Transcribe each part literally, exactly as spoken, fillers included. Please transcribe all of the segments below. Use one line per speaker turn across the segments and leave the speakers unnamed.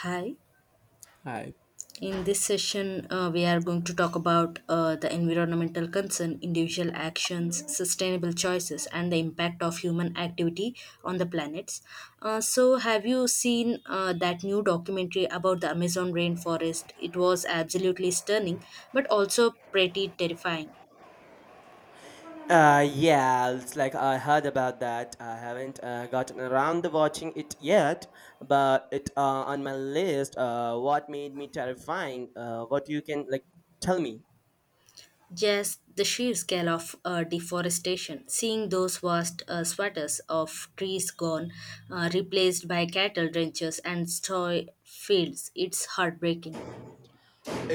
Hi.
Hi.
In this session, uh, we are going to talk about uh, the environmental concern, individual actions, sustainable choices, and the impact of human activity on the planets. Uh, so, have you seen uh, that new documentary about the Amazon rainforest? It was absolutely stunning, but also pretty terrifying.
Uh, yeah, it's like I heard about that. I haven't uh, gotten around to watching it yet, but it uh, on my list. Uh, what made me terrifying? Uh, what you can like tell me?
Just the sheer scale of uh, deforestation, seeing those vast uh, swaths of trees gone, uh, replaced by cattle ranches and soy fields, it's heartbreaking.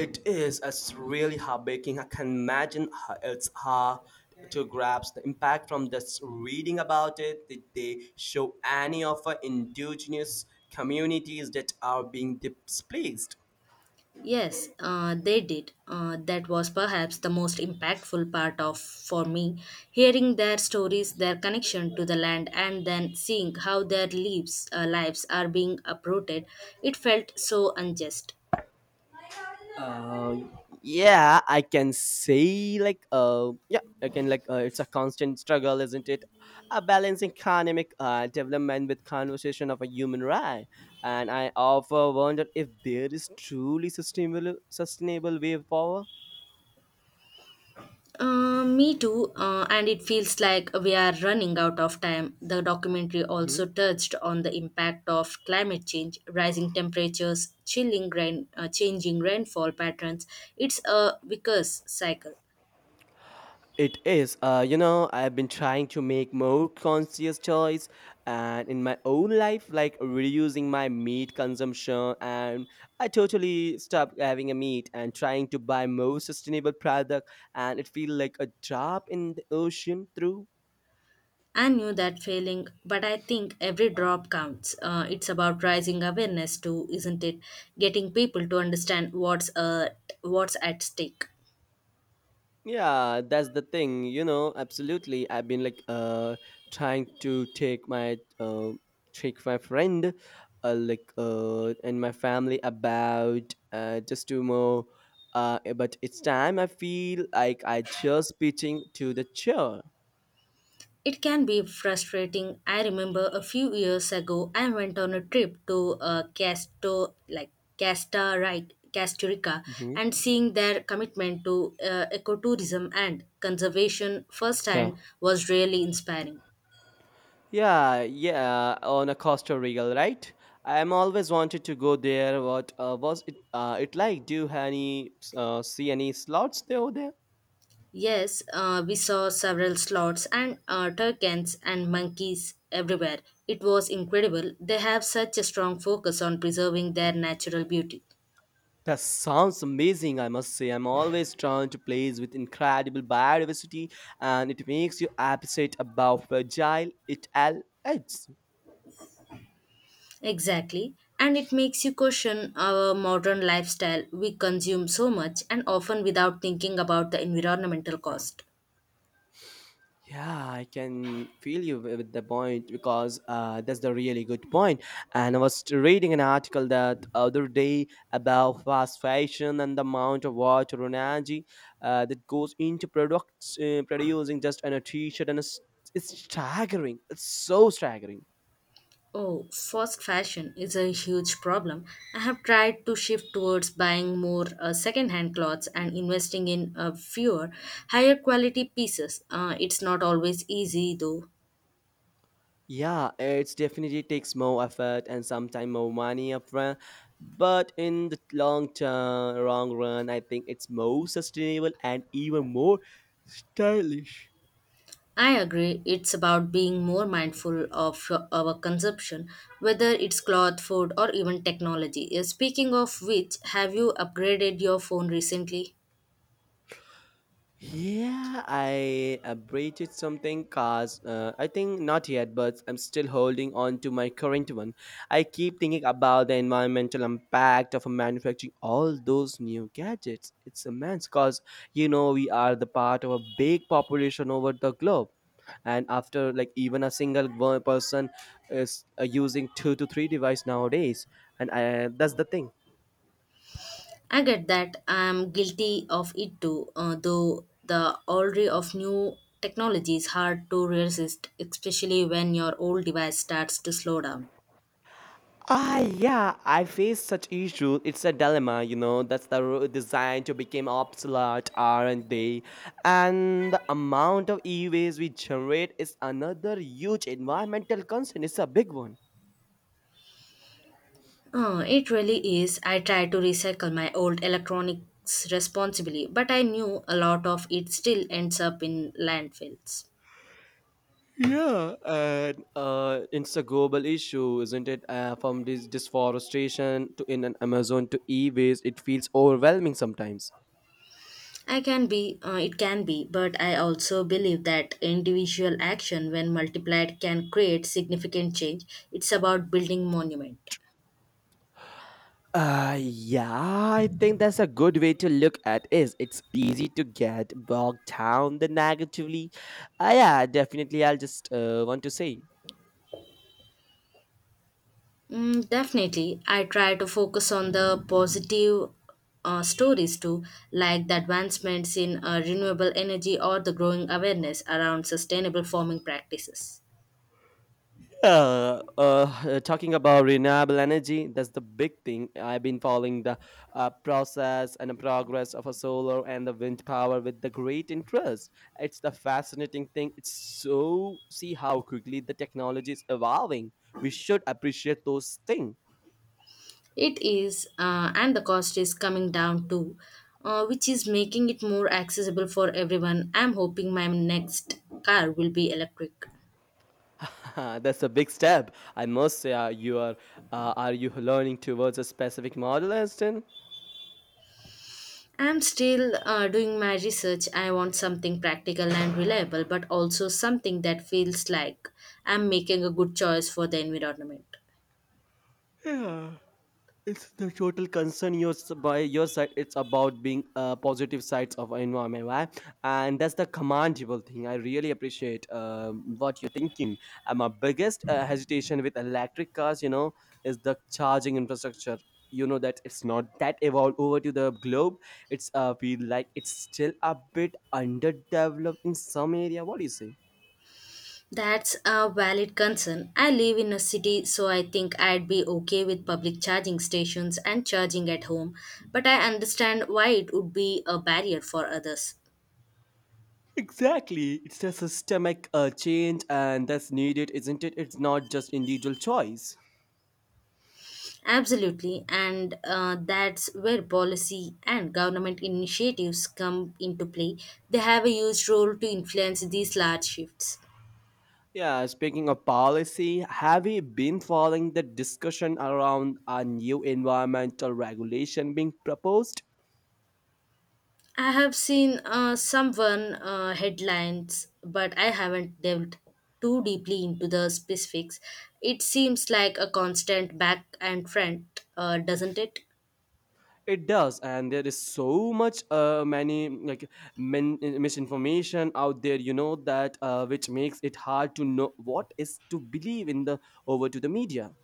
It is. It's really heartbreaking. I can imagine how it's hard to grasp the impact from just reading about it. Did they show any of our indigenous communities that are being displaced?
Yes, uh, they did. Uh, that was perhaps the most impactful part of for me, hearing their stories, their connection to the land, and then seeing how their lives, uh, lives are being uprooted. It felt so unjust.
Uh yeah I can say like uh yeah I can like uh, It's a constant struggle, isn't it, a balancing economic uh, development with conversation of a human right, and I often wonder if there is truly sustainable sustainable way forward.
Uh, me too, uh, and it feels like we are running out of time. The documentary
Mm-hmm.
also touched on the impact of climate change, rising temperatures, chilling rain, uh, changing rainfall patterns. It's a vicious cycle.
It is. Uh, you know, I've been trying to make more conscious choice and in my own life, like reducing my meat consumption. And I totally stopped having a meat and trying to buy more sustainable product. And it feels like a drop in the ocean through.
I knew that feeling, but I think every drop counts. Uh, it's about rising awareness too, isn't it? Getting people to understand what's uh, what's at stake.
Yeah, that's the thing, you know, absolutely. I've been like uh trying to take my uh take my friend uh, like uh and my family about uh just to more uh eh, but it's time I feel like I just pitching to the chair.
It can be frustrating. I remember a few years ago, I went on a trip to uh, Casto, like Casta, right, Costa Rica,
Hmm.
and seeing their commitment to uh, ecotourism and conservation
Yeah.
firsthand was really inspiring.
Yeah, yeah, on a Costa Rica, right? I'm always wanted to go there. What uh, was it uh it like? Do you have any uh see any slots there over there?
Yes, uh, we saw several sloths and uh, toucans and monkeys everywhere. It was incredible. They have such a strong focus on preserving their natural beauty.
That sounds amazing, I must say. I'm always drawn to places with incredible biodiversity, and it makes you appreciate about fragile it all is.
Exactly. And it makes you question our modern lifestyle. We consume so much and often without thinking about the environmental cost.
Yeah, I can feel you wi- with the point, because uh, that's the really good point. And I was reading an article that other day about fast fashion and the amount of water and energy uh, that goes into products uh, producing just an, a t-shirt, and it's, it's staggering. It's so staggering.
Oh, fast fashion is a huge problem. I have tried to shift towards buying more uh, second-hand clothes and investing in uh, fewer, higher quality pieces. Uh, it's not always easy though.
Yeah, it's definitely takes more effort and sometimes more money upfront, but in the long term, long run, I think it's more sustainable and even more stylish.
I agree. It's about being more mindful of our consumption, whether it's cloth, food, or even technology. Uh, Speaking of which, have you upgraded your phone recently?
Yeah, I upgraded something cause uh, I think not yet, but I'm still holding on to my current one. I keep thinking about the environmental impact of manufacturing all those new gadgets. It's immense, cause you know we are the part of a big population over the globe, and after like even a single one person is uh, using two to three device nowadays, and I, that's the thing.
I get that. I'm guilty of it too, uh, though the allure of new technology is hard to resist, especially when your old device starts to slow down.
Ah, yeah, I face such issues. It's a dilemma, you know. That's the ro- design to become obsolete, aren't they? And the amount of e-waste we generate is another huge environmental concern. It's a big one.
Oh, it really is. I try to recycle my old electronics responsibly, but I knew a lot of it still ends up in landfills.
Yeah, and uh, it's a global issue, isn't it? Uh, from this deforestation to in an Amazon to e-waste, it feels overwhelming sometimes.
I can be, uh, it can be, but I also believe that individual action, when multiplied, can create significant change. It's about building monument.
Uh, yeah, I think that's a good way to look at. Is It's easy to get bogged down the negatively. Uh, yeah, definitely. I'll just uh, want to say.
Mm, definitely, I try to focus on the positive uh, stories too, like the advancements in uh, renewable energy or the growing awareness around sustainable farming practices.
Uh, uh, talking about renewable energy, that's the big thing. I've been following the uh, process and the progress of a solar and the wind power with the great interest. It's the fascinating thing. It's so see how quickly the technology is evolving. We should appreciate those things.
It is, uh, and the cost is coming down too, uh, which is making it more accessible for everyone. I'm hoping my next car will be electric.
Uh, That's a big step. I must say, uh, you are. Uh, are you learning towards a specific model, Aston?
I'm still uh, doing my research. I want something practical and reliable, but also something that feels like I'm making a good choice for the environment.
Yeah. It's the total concern your s- by your side. It's about being uh, positive sides of environment, right? And that's the commendable thing. I really appreciate um, what you're thinking. And my biggest uh, hesitation with electric cars, you know, is the charging infrastructure. You know that it's not that evolved over to the globe. It's uh, feel like it's still a bit underdeveloped in some area. What do you say?
That's a valid concern. I live in a city, so I think I'd be okay with public charging stations and charging at home, but I understand why it would be a barrier for others.
Exactly. It's a systemic uh, change and that's needed, isn't it? It's not just individual choice.
Absolutely, and uh, that's where policy and government initiatives come into play. They have a huge role to influence these large shifts.
Yeah, speaking of policy, have you been following the discussion around a new environmental regulation being proposed?
I have seen uh, someone uh, headlines, but I haven't delved too deeply into the specifics. It seems like a constant back and front, uh, doesn't it?
It does, and there is so much, uh, many like min- misinformation out there, you know that, uh, which makes it hard to know what is to believe in the over to the media.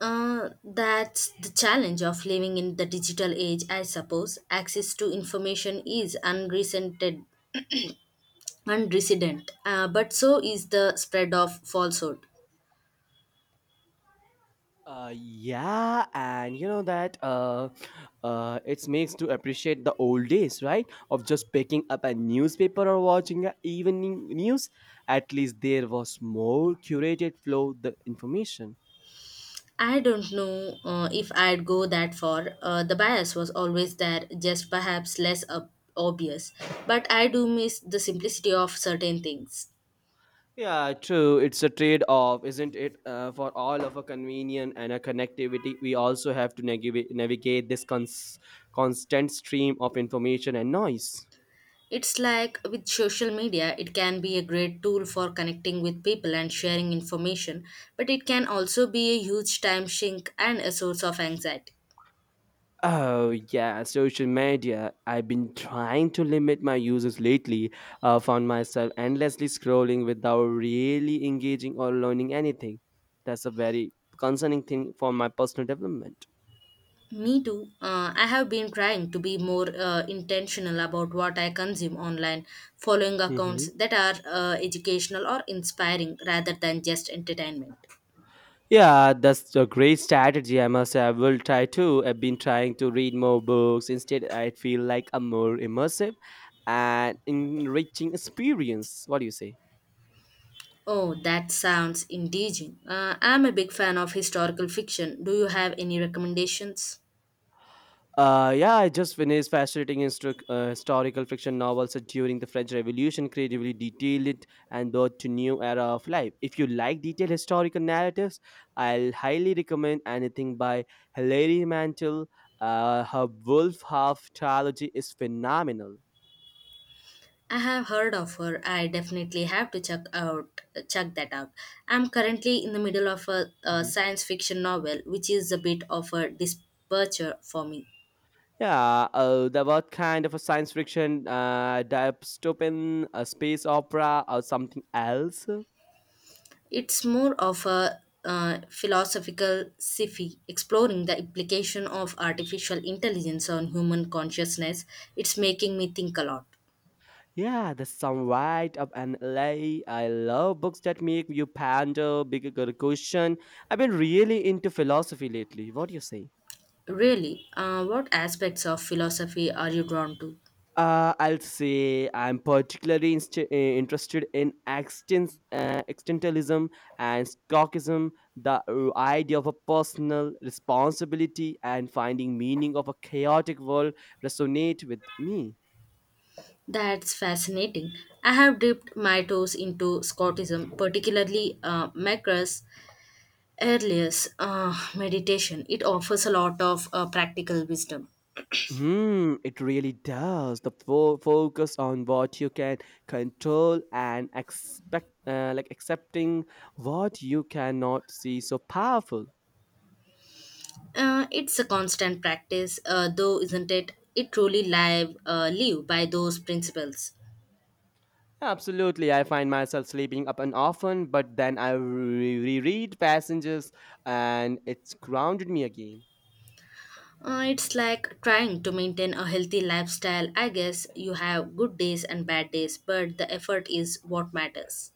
Uh, that's the challenge of living in the digital age, I suppose. Access to information is unrecented, Unprecedented, uh, but so is the spread of falsehood.
Uh, yeah, and you know that uh, uh, it makes to appreciate the old days, right? Of just picking up a newspaper or watching a evening news. At least there was more curated flow the information.
I don't know uh, if I'd go that far. Uh, the bias was always there, just perhaps less ob- obvious. But I do miss the simplicity of certain things.
Yeah, true. It's a trade-off, isn't it? Uh, for all of a convenience and a connectivity, we also have to navigate navigate this cons- constant stream of information and noise.
It's like with social media, it can be a great tool for connecting with people and sharing information, but it can also be a huge time sink and a source of anxiety.
Oh yeah, social media. I've been trying to limit my uses lately. Uh, found myself endlessly scrolling without really engaging or learning anything. That's a very concerning thing for my personal development.
Me too. Uh, I have been trying to be more uh, intentional about what I consume online, following accounts
Hmm.
that are uh, educational or inspiring rather than just entertainment.
Yeah, that's a great strategy. I must say, I will try too. I've been trying to read more books. Instead, I feel like a more immersive and enriching experience. What do you say?
Oh, that sounds engaging. Uh, I'm a big fan of historical fiction. Do you have any recommendations?
Uh, yeah, I just finished fascinating instru- uh, historical fiction novels set during the French Revolution, creatively detailed it and brought to new era of life. If you like detailed historical narratives, I'll highly recommend anything by Hilary Mantel. Uh, her Wolf Half trilogy is phenomenal.
I have heard of her. I definitely have to check out check that out. I'm currently in the middle of a, a
Mm-hmm.
science fiction novel, which is a bit of a departure for me.
Yeah, uh, the what kind of a science fiction, uh, dystopian, a space opera, or something else?
It's more of a uh, philosophical sci-fi exploring the implication of artificial intelligence on human consciousness. It's making me think a lot.
Yeah, the sunlight of an L A. I love books that make you ponder, bigger question. I've been really into philosophy lately. What do you say?
Really, uh, what aspects of philosophy are you drawn to?
Uh, I'll say I'm particularly inst- uh, interested in extens- uh, existentialism and stoicism, the uh, idea of a personal responsibility and finding meaning of a chaotic world resonate with me.
That's fascinating. I have dipped my toes into Scottism, particularly uh, Macra's earliest uh, meditation. It offers a lot of uh, practical wisdom.
Hmm, it really does. The fo- focus on what you can control and expect, uh, like accepting what you cannot see, so powerful.
Uh, it's a constant practice, uh, though, isn't it? It truly live uh, live by those principles.
Absolutely, I find myself sleeping up and often, but then I re- reread passages and it's grounded me again.
Uh, it's like trying to maintain a healthy lifestyle. I guess you have good days and bad days, but the effort is what matters.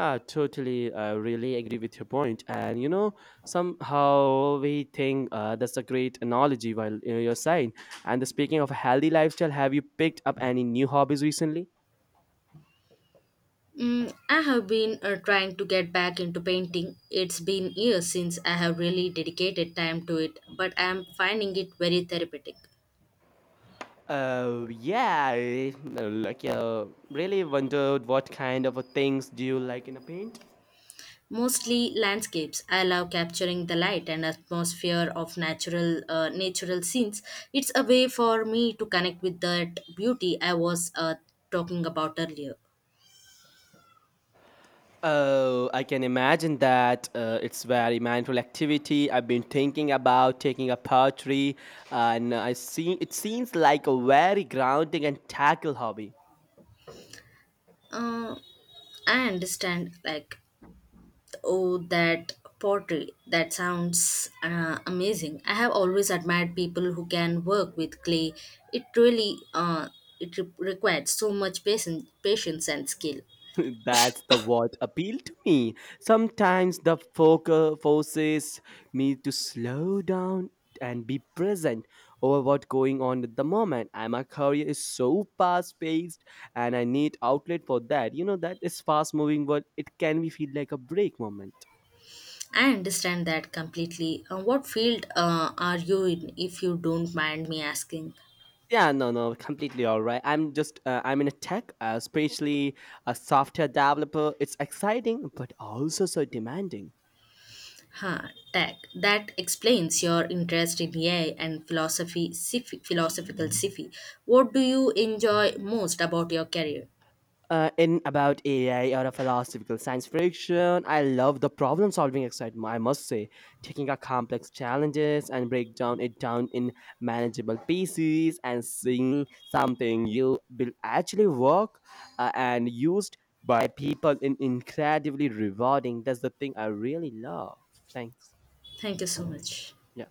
Ah, totally. I really agree with your point. And you know, somehow we think uh, that's a great analogy while uh, you're saying. And the, speaking of a healthy lifestyle, have you picked up any new hobbies recently?
Mm, I have been uh, trying to get back into painting. It's been years since I have really dedicated time to it, but I am finding it very therapeutic.
Oh yeah, I, uh, like uh, really wondered what kind of a things do you like in a paint?
Mostly landscapes. I love capturing the light and atmosphere of natural uh, natural scenes. It's a way for me to connect with that beauty I was uh, talking about earlier.
Oh, I can imagine that. Uh, it's very mindful activity. I've been thinking about taking up poetry, and I see it seems like a very grounding and tackle hobby.
Uh, I understand, like, oh, That pottery. That sounds uh, amazing. I have always admired people who can work with clay. It really, uh, it re- required so much patience, patience and skill.
That's the what appealed to me. Sometimes the focus forces me to slow down and be present over what's going on at the moment. And my career is so fast paced, and I need outlet for that. You know that is fast moving, but it can be feel like a break moment.
I understand that completely. Uh, what field uh, are you in, if you don't mind me asking?
Yeah, no, no, completely all right. I'm just, uh, I'm in a tech, uh, especially a software developer. It's exciting, but also so demanding.
Huh, tech. That explains your interest in A I and philosophy, sci- philosophical sci-fi. What do you enjoy most about your career?
Uh, in about A I or a philosophical science fiction, I love the problem solving excitement, I must say. Taking a complex challenges and break down it down in manageable pieces and seeing something you will actually work uh, and used by people in incredibly rewarding. That's the thing I really love. Thanks.
Thank you so much.
Yeah.